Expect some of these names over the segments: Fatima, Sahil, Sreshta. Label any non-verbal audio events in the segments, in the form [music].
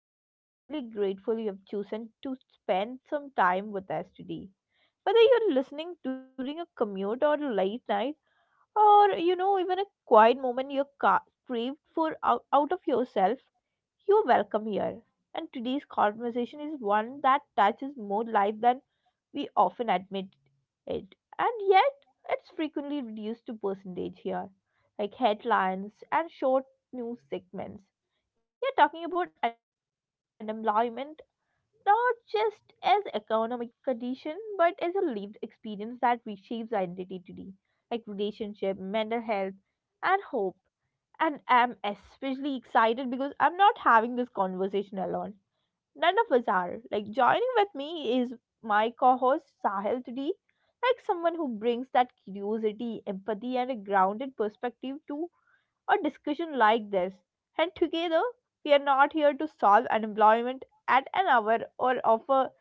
and I'm genuinely grateful you have chosen to spend some time with us today. Whether you're listening during a commute or a late night, or even a quiet moment you crave for out of yourself, you're welcome here. And today's conversation is one that touches more life than we often admit it. And yet, it's frequently reduced to percentage here, like headlines and short news segments. We are talking about unemployment not just as economic condition, but as a lived experience that reshapes identity today, like relationship, mental health, and hope. And I am especially excited because I'm not having this conversation alone. None of us are. Like joining with me is my co-host Sahil today, like someone who brings that curiosity, empathy, and a grounded perspective to a discussion like this. And together, we are not here to solve unemployment at an hour or offer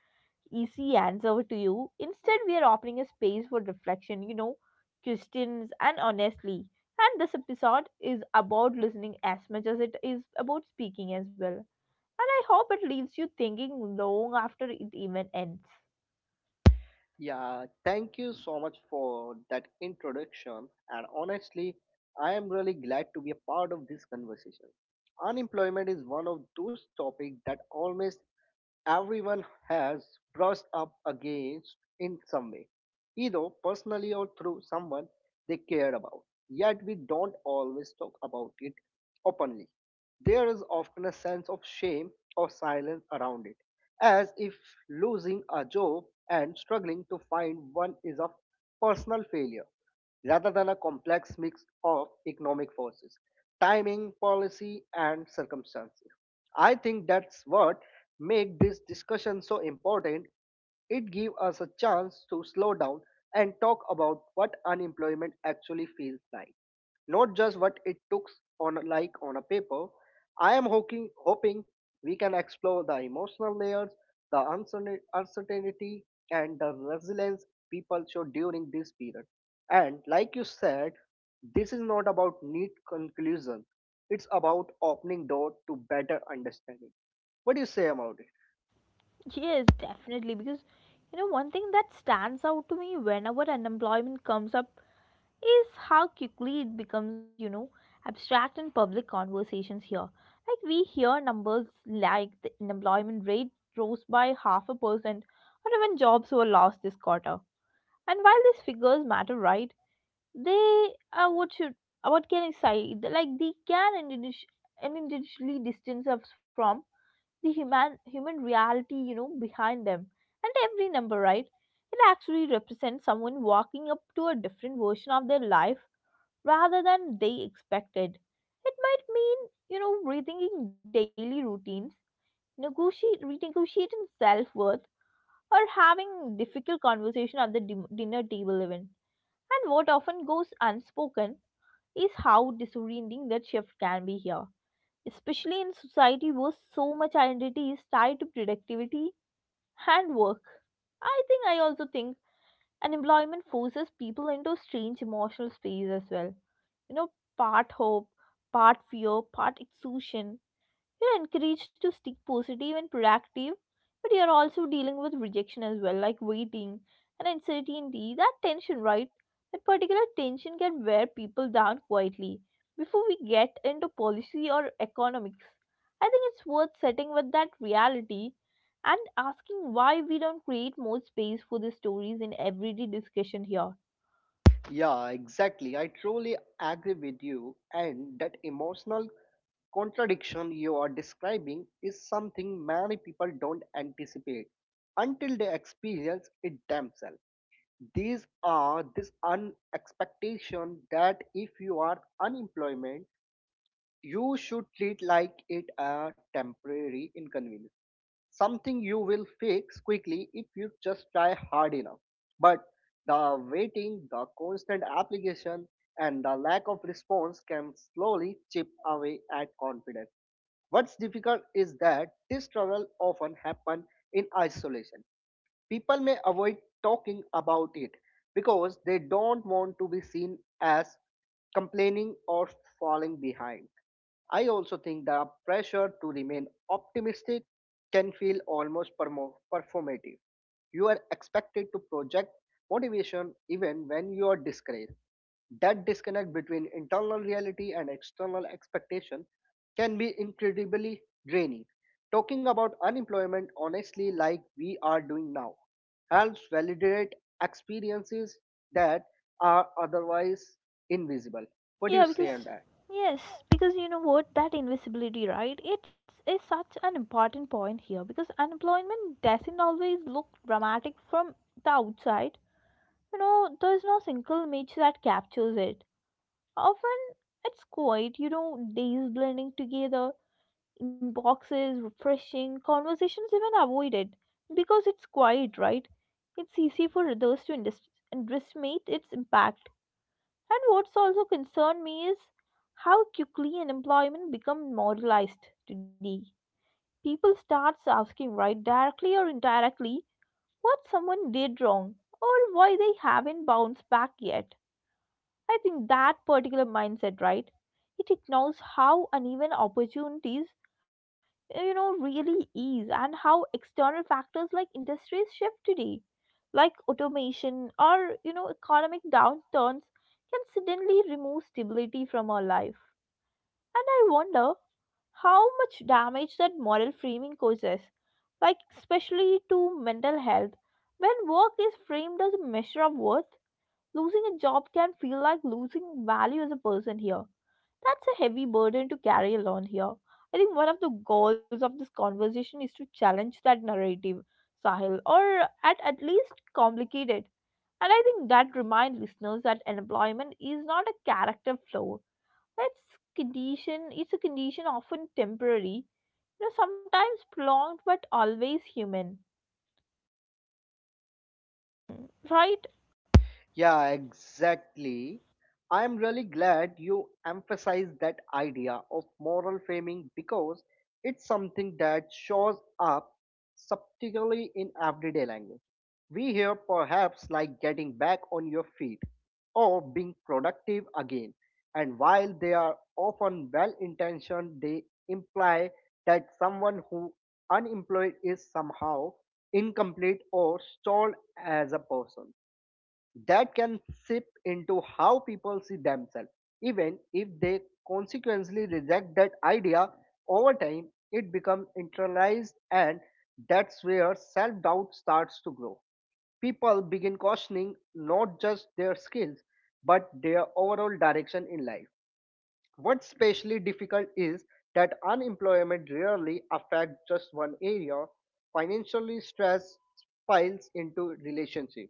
easy answer to you. Instead, we are opening a space for reflection, questions, and honestly. And this episode is about listening as much as it is about speaking as well. And I hope it leaves you thinking long after it even ends. Yeah, thank you so much for that introduction. And honestly, I am really glad to be a part of this conversation. Unemployment is one of those topics that almost everyone has brushed up against in some way, either personally or through someone they care about. Yet we don't always talk about it openly. There is often a sense of shame or silence around it, as if losing a job and struggling to find one is a personal failure rather than a complex mix of economic forces, timing, policy, and circumstances. I think that's what make this discussion so important. It gives us a chance to slow down and talk about what unemployment actually feels like, not just what it looks on like on a paper. I am hoping we can explore the emotional layers, the uncertainty, and the resilience people show during this period. And like you said, this is not about neat conclusions. It's about opening door to better understanding. What do you say about it? Yes, definitely. Because, one thing that stands out to me whenever unemployment comes up is how quickly it becomes, abstract in public conversations here. Like we hear numbers like the unemployment rate rose by half a percent or even jobs were lost this quarter. And while these figures matter, right, they are what should, what can I say, like they can and individually distance us from the human reality behind them. And every number, right, it actually represents someone walking up to a different version of their life rather than they expected. It might mean rethinking daily routines, negotiate renegotiating self-worth, or having difficult conversation at the dinner table even. And what often goes unspoken is how disorienting that shift can be here, especially in society where so much identity is tied to productivity and work. I also think unemployment forces people into strange emotional space as well. You know, part hope, part fear, part exhaustion, you're encouraged to stay positive and productive, but you're also dealing with rejection as well, like waiting and uncertainty. That tension, right? That particular tension can wear people down quietly. Before we get into policy or economics, I think it's worth setting with that reality and asking why we don't create more space for these stories in everyday discussion here. Yeah, exactly. I truly agree with you. And that emotional contradiction you are describing is something many people don't anticipate until they experience it themselves. These are this unexpectation that if you are unemployed you should treat like it a temporary inconvenience, something you will fix quickly if you just try hard enough. But the waiting, the constant application, and the lack of response can slowly chip away at confidence. What's difficult is that this struggle often happen in isolation. People may avoid talking about it because they don't want to be seen as complaining or falling behind. I also think the pressure to remain optimistic can feel almost performative. You are expected to project motivation even when you are discouraged. That disconnect between internal reality and external expectation can be incredibly draining. Talking about unemployment honestly like we are doing now helps validate experiences that are otherwise invisible. What do you Yeah, say on because that? yes, because you know what that invisibility, right? It's is such an important point here because unemployment doesn't always look dramatic from the outside. There's no single image that captures it. Often it's quiet, days blending together, inboxes refreshing, conversations even avoided because it's quiet, right? It's easy for others to underestimate its impact. And what's also concerned me is how quickly unemployment become moralized today. People start asking, right, directly or indirectly, what someone did wrong or why they haven't bounced back yet. I think that particular mindset, right, it ignores how uneven opportunities really is, and how external factors like industries shift today, like automation or economic downturns, can suddenly remove stability from our life. And I wonder how much damage that moral framing causes, like especially to mental health. When work is framed as a measure of worth, losing a job can feel like losing value as a person here. That's a heavy burden to carry alone here. I think one of the goals of this conversation is to challenge that narrative, Sahil, or at least complicate it. And I think that remind listeners that unemployment is not a character flaw. It's it's a condition, often temporary, sometimes prolonged but always human. Right? Yeah, exactly. I'm really glad you emphasized that idea of moral framing because it's something that shows up subtly in everyday language. We hear perhaps like getting back on your feet or being productive again. And while they are often well intentioned, they imply that someone who unemployed is somehow incomplete or stalled as a person that can seep into how people see themselves. Even if they consequently reject that idea over time, it becomes internalized, and that's where self doubt starts to grow. People begin questioning not just their skills but their overall direction in life. What's especially difficult is that unemployment rarely affects just one area. Financially stress piles into relationship,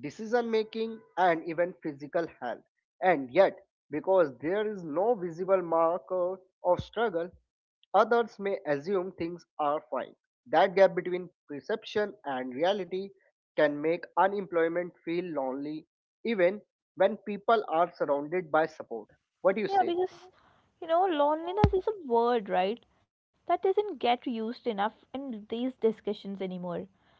decision making and even physical health. And yet, because there is no visible marker of struggle, others may assume things are fine. That gap between perception and reality can make unemployment feel lonely even when people are surrounded by support. What do you Yeah, say? because loneliness is a word, right? That doesn't get used enough in these discussions anymore.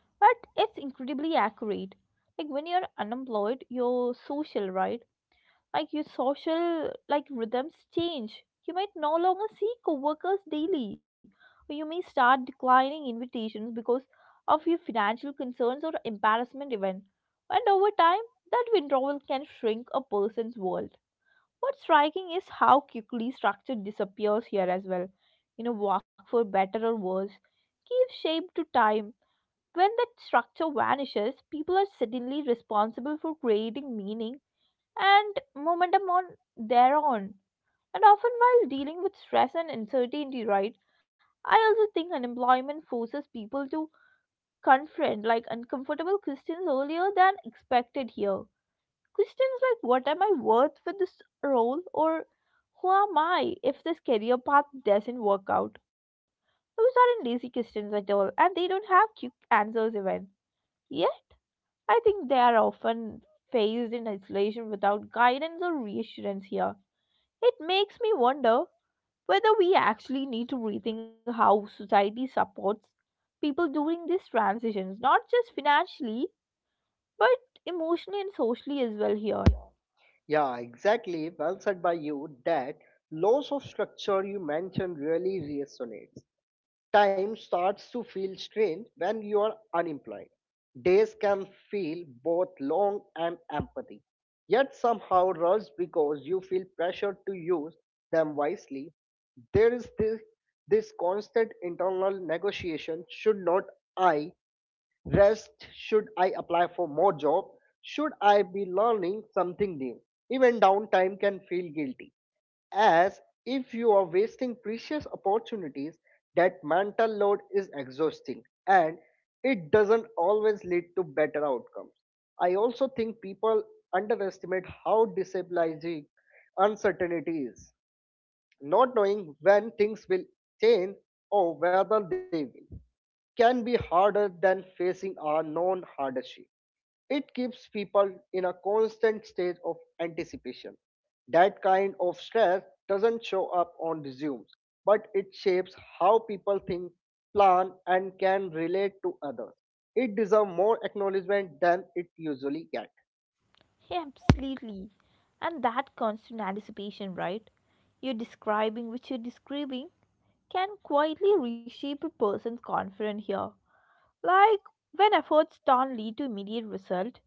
But it's incredibly accurate, like when you're unemployed, your social like rhythms change. You might no longer see coworkers daily, or you may start declining invitations because of your financial concerns or embarrassment even. And over time, that withdrawal can shrink a person's world. What's striking is how quickly structure disappears here as well. Work for better or worse gives shape to time. When that structure vanishes, people are suddenly responsible for creating meaning and momentum on their own. And often, while dealing with stress and uncertainty, right, I also think unemployment forces people to confront like uncomfortable questions earlier than expected here. Questions like, what am I worth for this role? Or who am I if this career path doesn't work out? Those aren't easy questions at all, and they don't have quick answers even. Yeah, I think they are often faced in isolation without guidance or reassurance here. It makes me wonder whether we actually need to rethink how society supports people during these transitions, not just financially, but emotionally and socially as well here. Yeah, exactly. Well said by you. That loss of structure you mentioned really resonates. Time starts to feel strange when you are unemployed. Days can feel both long and empty, yet somehow rushed because you feel pressured to use them wisely. There is this constant internal negotiation. Should not I rest, should I apply for more job, should I be learning something new? Even downtime can feel guilty, as if you are wasting precious opportunities. That mental load is exhausting and it doesn't always lead to better outcomes. I also think people underestimate how destabilizing uncertainty is, not knowing when things will change or whether they will, can be harder than facing our known hardship. It keeps people in a constant state of anticipation. That kind of stress doesn't show up on resumes, but it shapes how people think, plan, and can relate to others. It deserves more acknowledgement than it usually gets. Yeah, absolutely. And that constant anticipation, right? You're describing can quietly reshape a person's confidence here. Like when efforts don't lead to immediate result,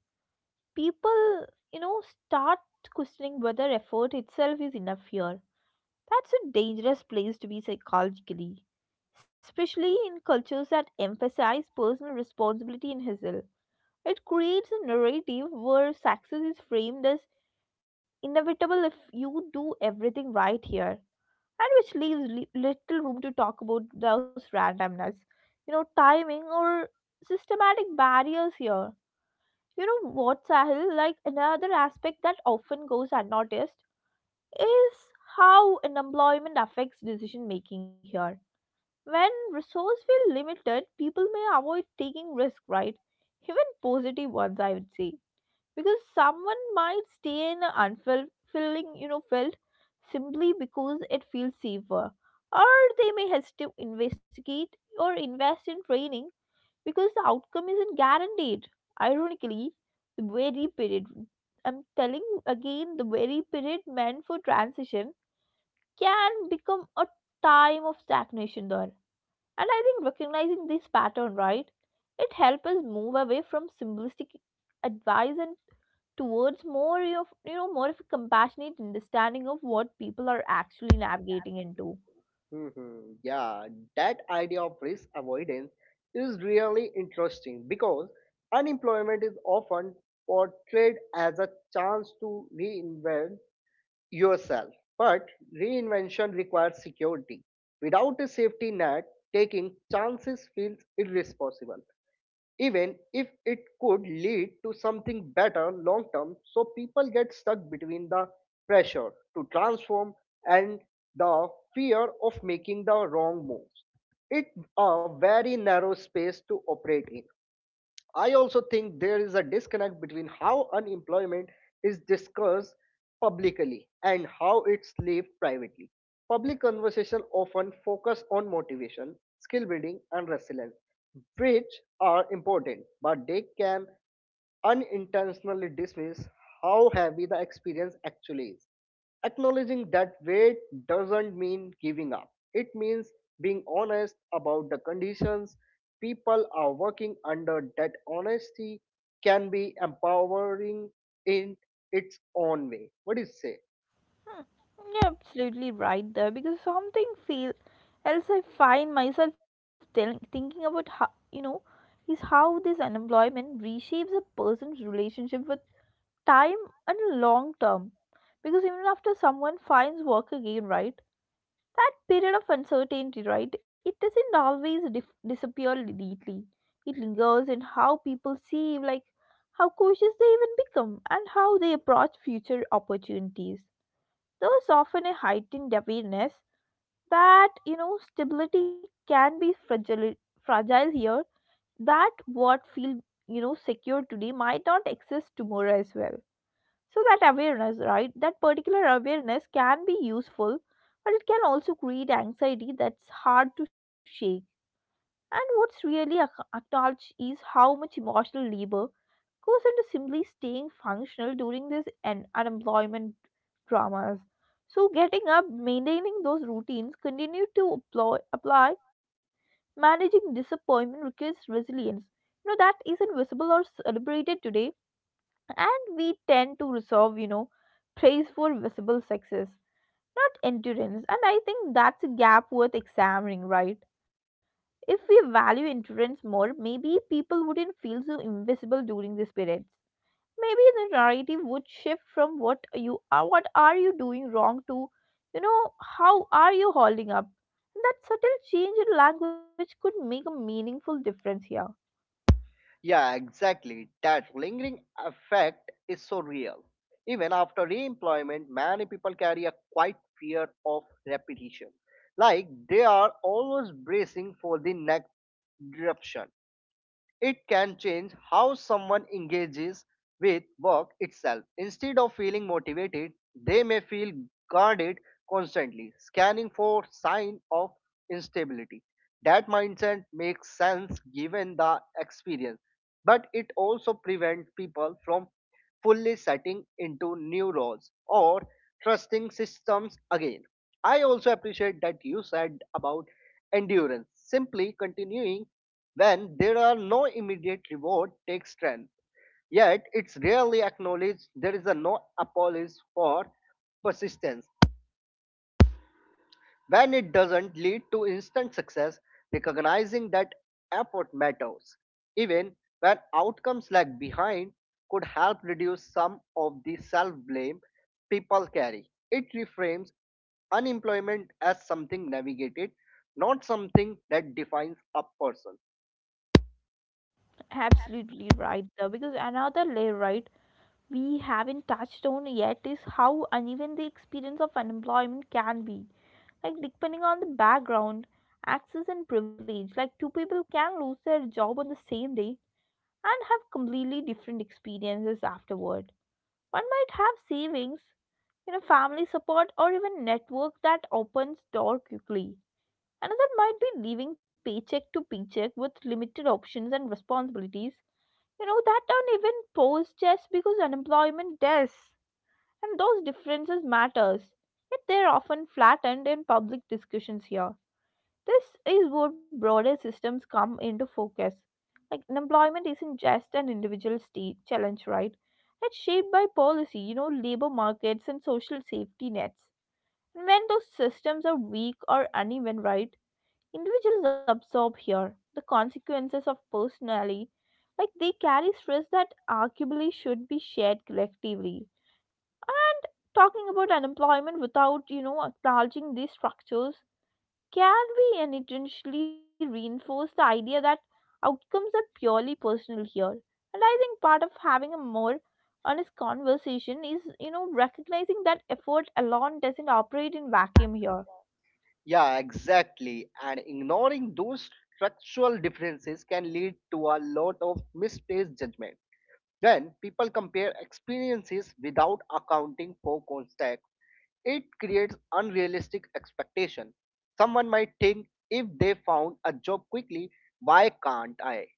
people, start questioning whether effort itself is enough here. That's a dangerous place to be psychologically, especially in cultures that emphasize personal responsibility and hustle. It creates a narrative where success is framed as inevitable if you do everything right here, and which leaves little room to talk about those randomness, timing or systematic barriers here. You know what, Sahil? Like another aspect that often goes unnoticed is how unemployment affects decision making here. When resources feel limited, people may avoid taking risks, right? Even positive ones, I would say, because someone might stay in an unfulfilling, field simply because it feels safer, or they may hesitate to invest in training because the outcome isn't guaranteed. Ironically, the very period, I'm telling you again, the very period meant for transition can become a time of stagnation there. And I think recognizing this pattern, right, it helps us move away from simplistic advice and towards more of a compassionate understanding of what people are actually navigating into. Hmm. Yeah, that idea of risk avoidance is really interesting because unemployment is often portrayed as a chance to reinvent yourself. But reinvention requires security. Without a safety net, taking chances feels irresponsible even if it could lead to something better long term. So people get stuck between the pressure to transform and the fear of making the wrong moves. It's a very narrow space to operate in. I also think there is a disconnect between how unemployment is discussed publicly and how it's lived privately. Public conversation often focus on motivation, skill building and resilience, which are important, but they can unintentionally dismiss how heavy the experience actually is. Acknowledging that weight doesn't mean giving up, it means being honest about the conditions people are working under. That honesty can be empowering in its own way. What do you say? Hmm, You're absolutely right there because something feel else I find myself thinking about how is how this unemployment reshapes a person's relationship with time and long term. Because even after someone finds work again, right, that period of uncertainty, right, it doesn't always disappear neatly. It lingers in how people see, like how cautious they even become, and how they approach future opportunities. There's often a heightened awareness that stability can be fragile here. That what feel secure today might not exist tomorrow as well. So that particular awareness can be useful, but it can also create anxiety that's hard to shake. And what's really acknowledged is how much emotional labor goes into simply staying functional during this and unemployment dramas. So getting up, maintaining those routines, continue to apply, managing disappointment requires resilience. You know that isn't visible or celebrated today, and we tend to resolve, praise for visible success, not endurance. And I think that's a gap worth examining, right? If we value endurance more, maybe people wouldn't feel so invisible during these periods. Maybe the narrative would shift from what are you doing wrong to how are you holding up. That subtle change in language could make a meaningful difference here. Yeah, exactly. That lingering effect is so real. Even after re employment, many people carry a quiet fear of repetition. Like they are always bracing for the next disruption. It can change how someone engages with work itself. Instead of feeling motivated, they may feel guarded constantly, scanning for sign of instability. That mindset makes sense given the experience, but it also prevents people from fully setting into new roles or trusting systems again. I also appreciate that you said about endurance. Simply continuing when there are no immediate reward takes strength. Yet it's rarely acknowledged. There is a no apology for persistence. When it doesn't lead to instant success, recognizing that effort matters, even when outcomes lag behind, could help reduce some of the self blame people carry. It reframes unemployment as something navigated, not something that defines a person. Absolutely right though, because another layer, right, we haven't touched on yet is how uneven the experience of unemployment can be, like depending on the background, access and privilege. Like two people can lose their job on the same day and have completely different experiences afterward. One might have savings, family support or even network that opens door quickly. Another might be living paycheck to paycheck with limited options and responsibilities, that don't even pose just because unemployment does. And those differences matters, yet they're often flattened in public discussions here. This is where broader systems come into focus. Like unemployment isn't just an individual state challenge, right? It's shaped by policy, labor markets and social safety nets. And when those systems are weak or uneven, right, individuals absorb here the consequences of personally. Like they carry stress that arguably should be shared collectively. And talking about unemployment without, acknowledging these structures can we unintentionally reinforce the idea that outcomes are purely personal here? And I think part of having a more honest conversation is, recognizing that effort alone doesn't operate in vacuum here. Yeah, exactly. And ignoring those structural differences can lead to a lot of misplaced judgment. Then people compare experiences without accounting for context. It creates unrealistic expectation. Someone might think if they found a job quickly, why can't I?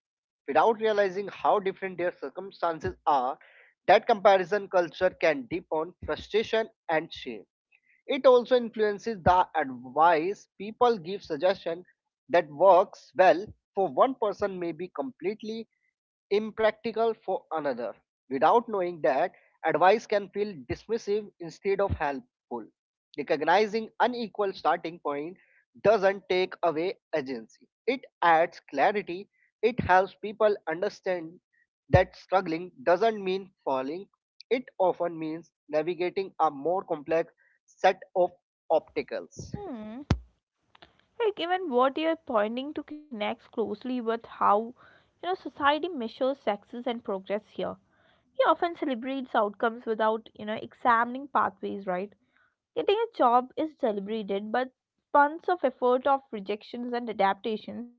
Without realizing how different their circumstances are, that comparison culture can deepen frustration and shame. It also influences the advice people give. Suggestion that works well for one person may be completely impractical for another. Without knowing that, advice can feel dismissive instead of helpful. Recognizing unequal starting point doesn't take away agency. It adds clarity. It helps people understand that struggling doesn't mean falling. It often means navigating a more complex set of obstacles. Hmm. Like even what you're pointing to connects closely with how, society measures success and progress here. We often celebrates outcomes without, examining pathways, right? Getting a job is celebrated, but tons of effort of rejections and adaptations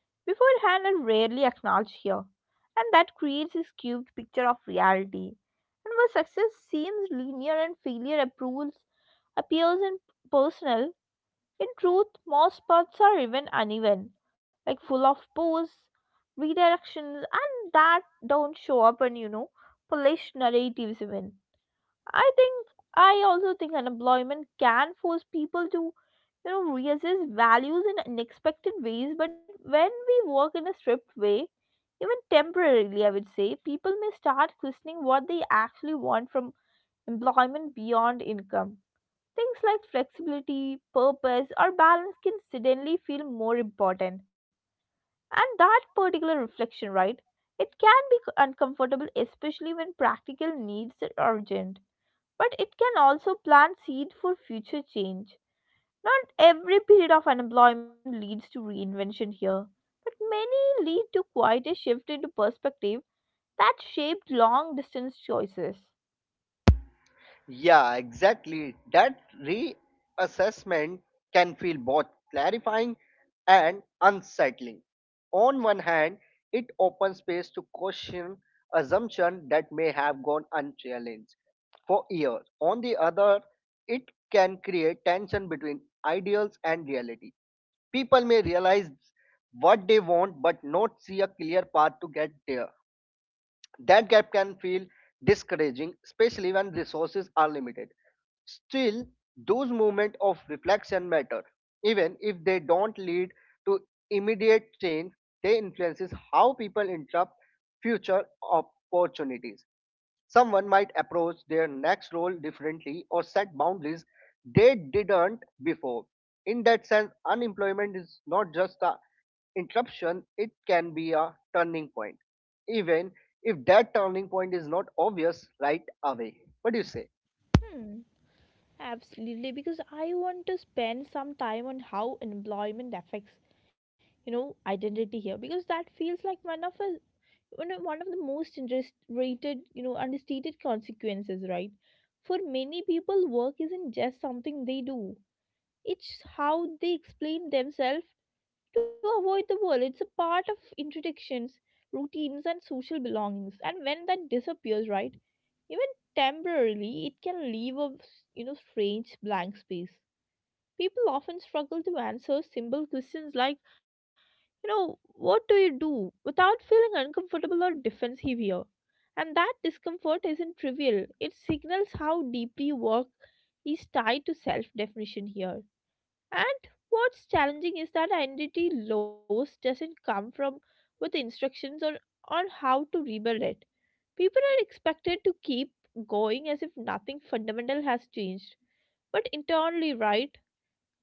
beforehand are rarely acknowledged here, and that creates a skewed picture of reality. And where success seems linear and failure approves appears in personal, in truth, most paths are even uneven, like full of pause, redirections, and that don't show up in, polished narratives even. I think I also think unemployment can force people to, reassess values in unexpected ways. But when we work in a stripped way, even temporarily, I would say, people may start questioning what they actually want from employment beyond income. Things like flexibility, purpose, or balance can suddenly feel more important. And that particular reflection, right? It can be uncomfortable, especially when practical needs are urgent, but it can also plant seed for future change. Not every period of unemployment leads to reinvention here, but many lead to quite a shift in perspective that shaped long distance choices. Yeah, exactly. That reassessment can feel both clarifying and unsettling. On one hand, it opens space to question assumptions that may have gone unchallenged for years. On the other, it can create tension between ideals and reality. People may realize what they want but not see a clear path to get there. That gap can feel discouraging, especially when resources are limited. Still, those moments of reflection matter. Even if they don't lead to immediate change, they influences how people interpret future opportunities. Someone might approach their next role differently or set boundaries they didn't before. In that sense, unemployment is not just a interruption, it can be a turning point, even if that turning point is not obvious right away. What do you say? Hmm, absolutely. Because I want to spend some time on how employment affects, identity here. Because that feels like one of a one of the most underrated, understated consequences, right? For many people, work isn't just something they do. It's how they explain themselves to avoid the world. It's a part of introductions, routines, and social belongings. And when that disappears, right, even temporarily, it can leave a strange blank space. People often struggle to answer simple questions like, what do you do without feeling uncomfortable or defensive here. And that discomfort isn't trivial. It signals how deeply work is tied to self definition here. And what's challenging is that identity loss doesn't come from with instructions on how to rebuild it. People are expected to keep going as if nothing fundamental has changed. But internally, right,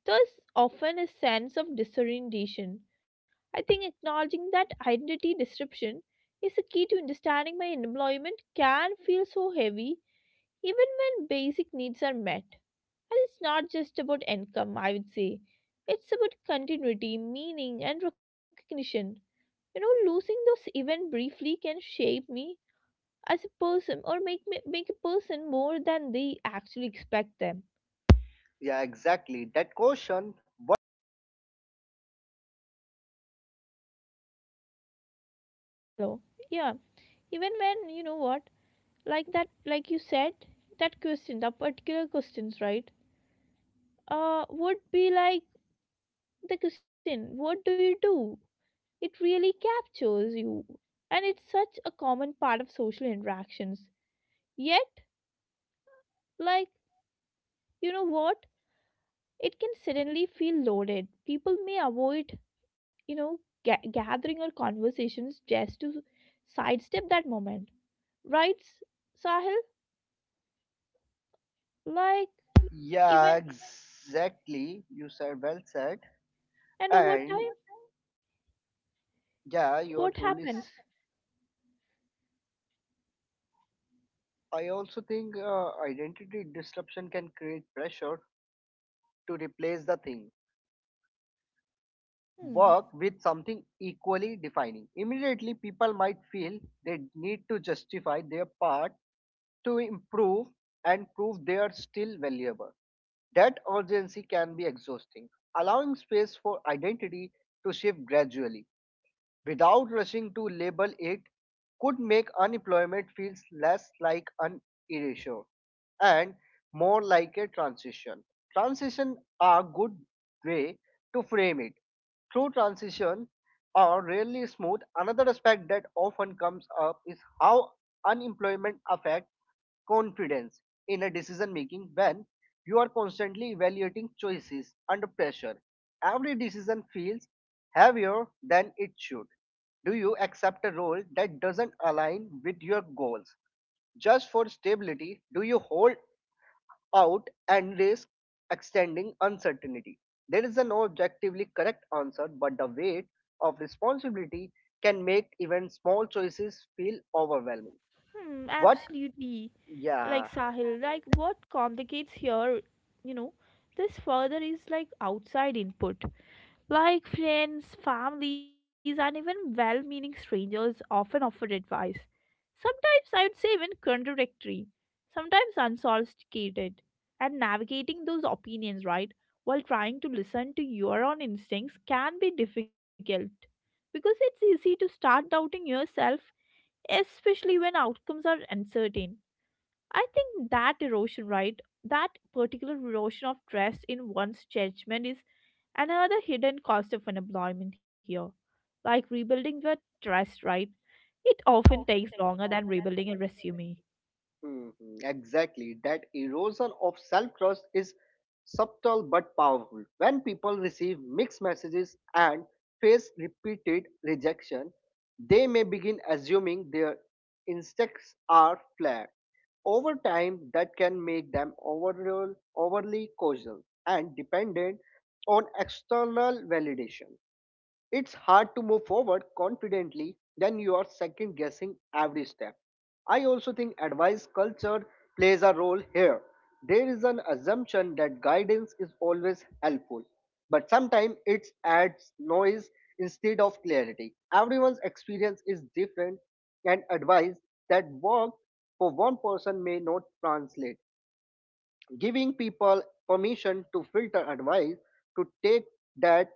there's often a sense of disorientation. I think acknowledging that identity disruption is the key to understanding my employment can feel so heavy even when basic needs are met. And it's not just about income, I would say. It's about continuity, meaning, and recognition. You know, losing those even briefly can shape me as a person or make me make a person more than they actually expect them. Yeah, exactly. That question, what do you do? So yeah. Even when you know what? Like that like you said, that question, that particular questions, right? Would be like the question, what do you do? It really captures you. And it's such a common part of social interactions. Yet, like, you know what? It can suddenly feel loaded. People may avoid, you know, gathering or conversations just to sidestep that moment. Right, Sahil? Like, Yeah, even, exactly. You said well said. and over And time, what yeah, you are truly. happens? I also think identity disruption can create pressure to replace the thing. Hmm, Work with something equally defining. Immediately, people might feel they need to justify their part to improve and prove they are still valuable. That urgency can be exhausting, allowing space for identity to shift gradually without rushing to label it could make unemployment feels less like an erasure and more like a transition. Transition are a good way to frame it. Through transition are rarely smooth. Another aspect that often comes up is how unemployment affects confidence in a decision making when you are constantly evaluating choices under pressure. Every decision feels heavier than it should. Do you accept a role that doesn't align with your goals? Just for stability, do you hold out and risk extending uncertainty. There is no objectively correct answer, but the weight of responsibility can make even small choices feel overwhelming. hmm, What? absolutely. Like Yeah. Sahil, like what complicates here, you know, this further is like outside input. Like friends, families, and even well meaning strangers often offer advice. Sometimes I would say even contradictory, sometimes unsophisticated. And navigating those opinions, right, while trying to listen to your own instincts can be difficult because it's easy to start doubting yourself, especially when outcomes are uncertain. I think that erosion, right, that particular erosion of trust in one's judgment is another hidden cost of unemployment here, like rebuilding the trust, right? It often takes longer than rebuilding a resume. Mhm. Exactly. That erosion of self trust is subtle but powerful. When people receive mixed messages and face repeated rejection, they may begin assuming their instincts are flawed. Over time, that can make them overall, overly cautious and dependent on external validation. It's hard to move forward confidently when you are second guessing every step. I also think advice culture plays a role here. There is an assumption that guidance is always helpful, but sometimes it adds noise instead of clarity. Everyone's experience is different, and advice that worked for one person may not translate. Giving people permission to filter advice, to take that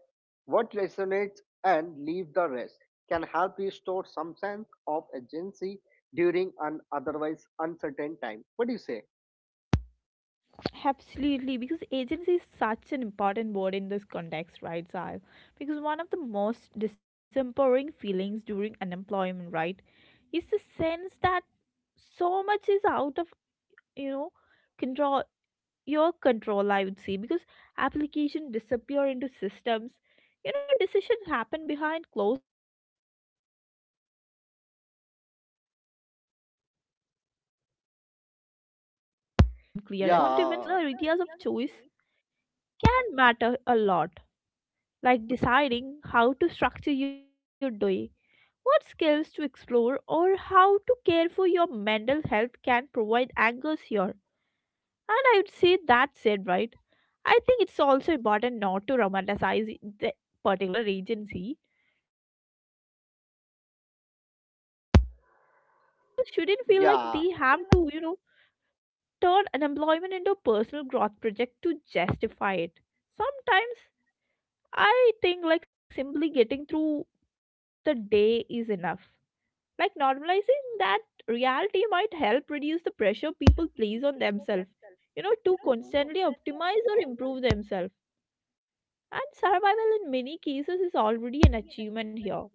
what resonates and leave the rest, can help restore some sense of agency during an otherwise uncertain time. What do you say? Absolutely, because agency is such an important word in this context, right, Sahil? Because one of the most disempowering feelings during unemployment, right, is the sense that so much is out of you know control your control. I would say because application disappear into systems, you know decisions happen behind closed door and timelines are unclear as well. In that particular environment, right, holding on to even smaller Yeah. areas of choice can matter a lot, like deciding how to structure your day, what skills to explore, or how to care for your mental health can provide anchors here. And I would say that said, right, I think it's also important not to romanticize the particular agency, to the point where it becomes another burden as well. Because people shouldn't Yeah. feel like they have to, turn unemployment into a personal growth project to justify it. Sometimes I think like simply getting through the day is enough. Like normalizing that reality might help reduce the pressure people place on themselves, to Mhm. constantly optimize or improve themselves. And survival in many cases is already an achievement here.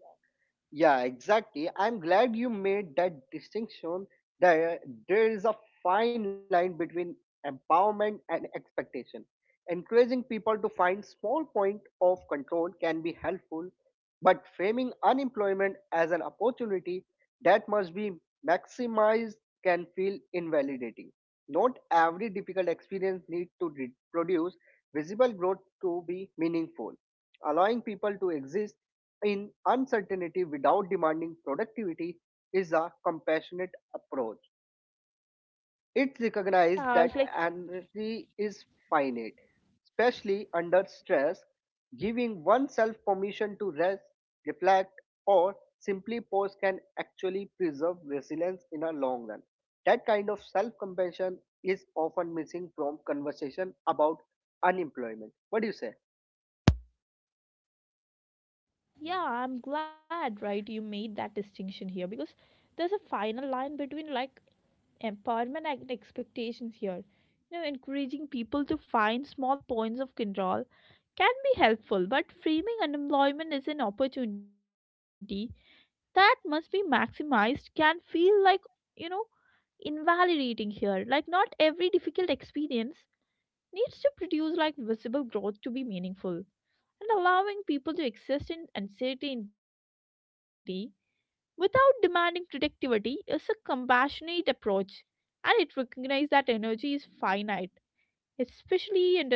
Yeah, exactly. I'm glad you made that distinction that there is a fine line between empowerment and expectation. Encouraging people to find small point of control can be helpful but framing unemployment as an opportunity that must be maximized can feel invalidating. Not every difficult experience needs to produce visible growth to be meaningful. Allowing people to exist in uncertainty without demanding productivity is a compassionate approach. It Yeah, recognized it's like that energy is finite, especially under stress, giving oneself permission to rest, reflect, or simply pause can actually preserve resilience in a long run. That kind of self compassion is often missing from conversation about unemployment. What do you say? yeah, I'm glad, right, you made that distinction here because there's a final line between like empowerment and expectations here. You know, encouraging people to find small points of control can be helpful, but framing unemployment as an opportunity that must be maximized can feel like, you know, invalidating here. Like, not every difficult experience needs to produce like visible growth to be meaningful. And allowing people to exist in uncertainty without demanding productivity is a compassionate approach, and it recognizes that energy is finite, especially under the stress,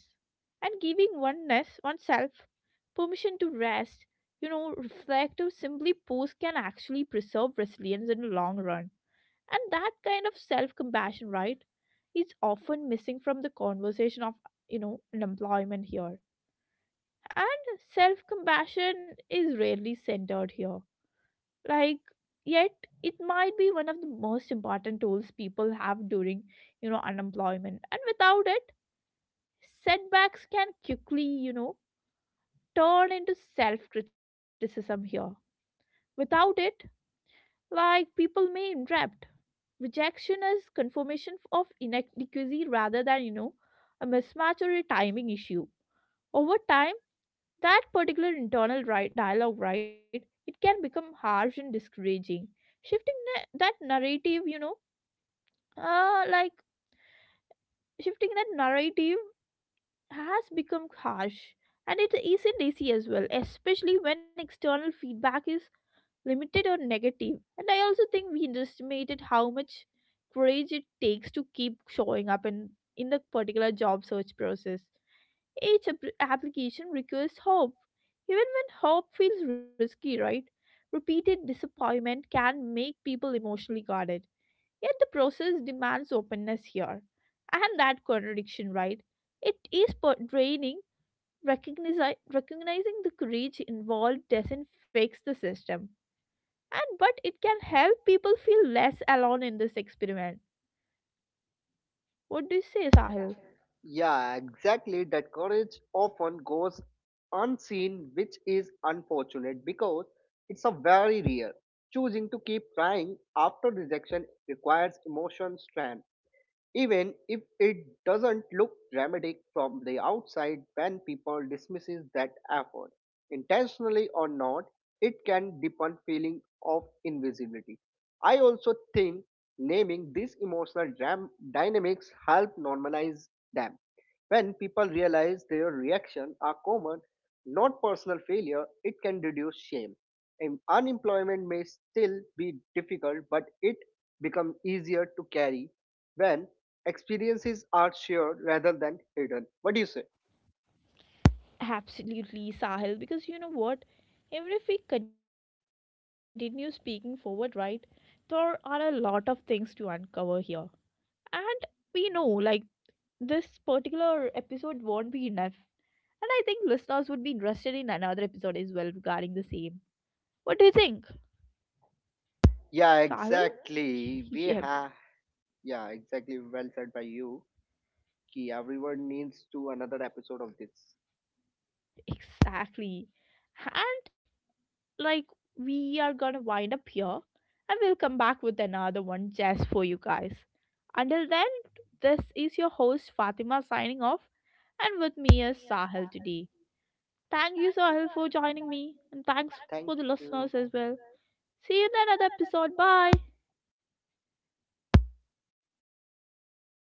and giving oneness oneself permission to rest, reflect, or simply pause can actually preserve resilience in the long run. And that kind of self compassion, right, is often missing from the conversation of unemployment here. And self compassion is rarely centered here, like, yet it might be one of the most important tools people have during unemployment, and without it setbacks can quickly turn into self criticism here. Without it, like, people may interpret rejection as confirmation of inadequacy rather than, a mismatch or a timing issue. Over time, that particular internal right dialogue, right, it can become harsh and discouraging. Shifting na- that narrative you know like Shifting that narrative has become harsh, and it isn't easy as well, especially when external feedback is limited or negative. And I also think we underestimated how much courage it takes to keep showing up in the particular job search process. Each application requires hope, even when hope feels risky, right? Repeated disappointment can make people emotionally guarded. Yet the process demands openness here. And that contradiction, right? It is draining. Recognizing the courage involved doesn't fix the system. And but it can help people feel less alone in this experiment. What do you say, Sahil? Yeah, exactly. That courage often goes unseen, which is unfortunate because it's a very rare. Choosing to keep trying after rejection requires emotion strength. Even if it doesn't look dramatic from the outside when people dismisses that effort, intentionally or not, it can deepen feeling of invisibility. I also think naming these emotional dynamics help normalize them. When people realize their reaction are common, not personal failure, it can reduce shame. And unemployment may still be difficult, but it becomes easier to carry when experiences are shared rather than hidden. What do you say? Absolutely, Sahil, because you know what? Even if we continue speaking forward, right, there are a lot of things to uncover here. And we know, like, this particular episode won't be enough. And I think listeners would be interested in another episode as well regarding the same. What do you think, Yeah, Sahil? exactly. We [laughs] Yep, have. Yeah, exactly. Well said by you. Ki everyone needs to another episode of this. exactly. And like we are gonna wind up here, and we'll come back with another one just for you guys. Until then, this is your host Fatima signing off, and with me is Sahil today. Thank you Sahil for joining me, and thanks for the Thank listeners you. as well. See you in another episode. Bye.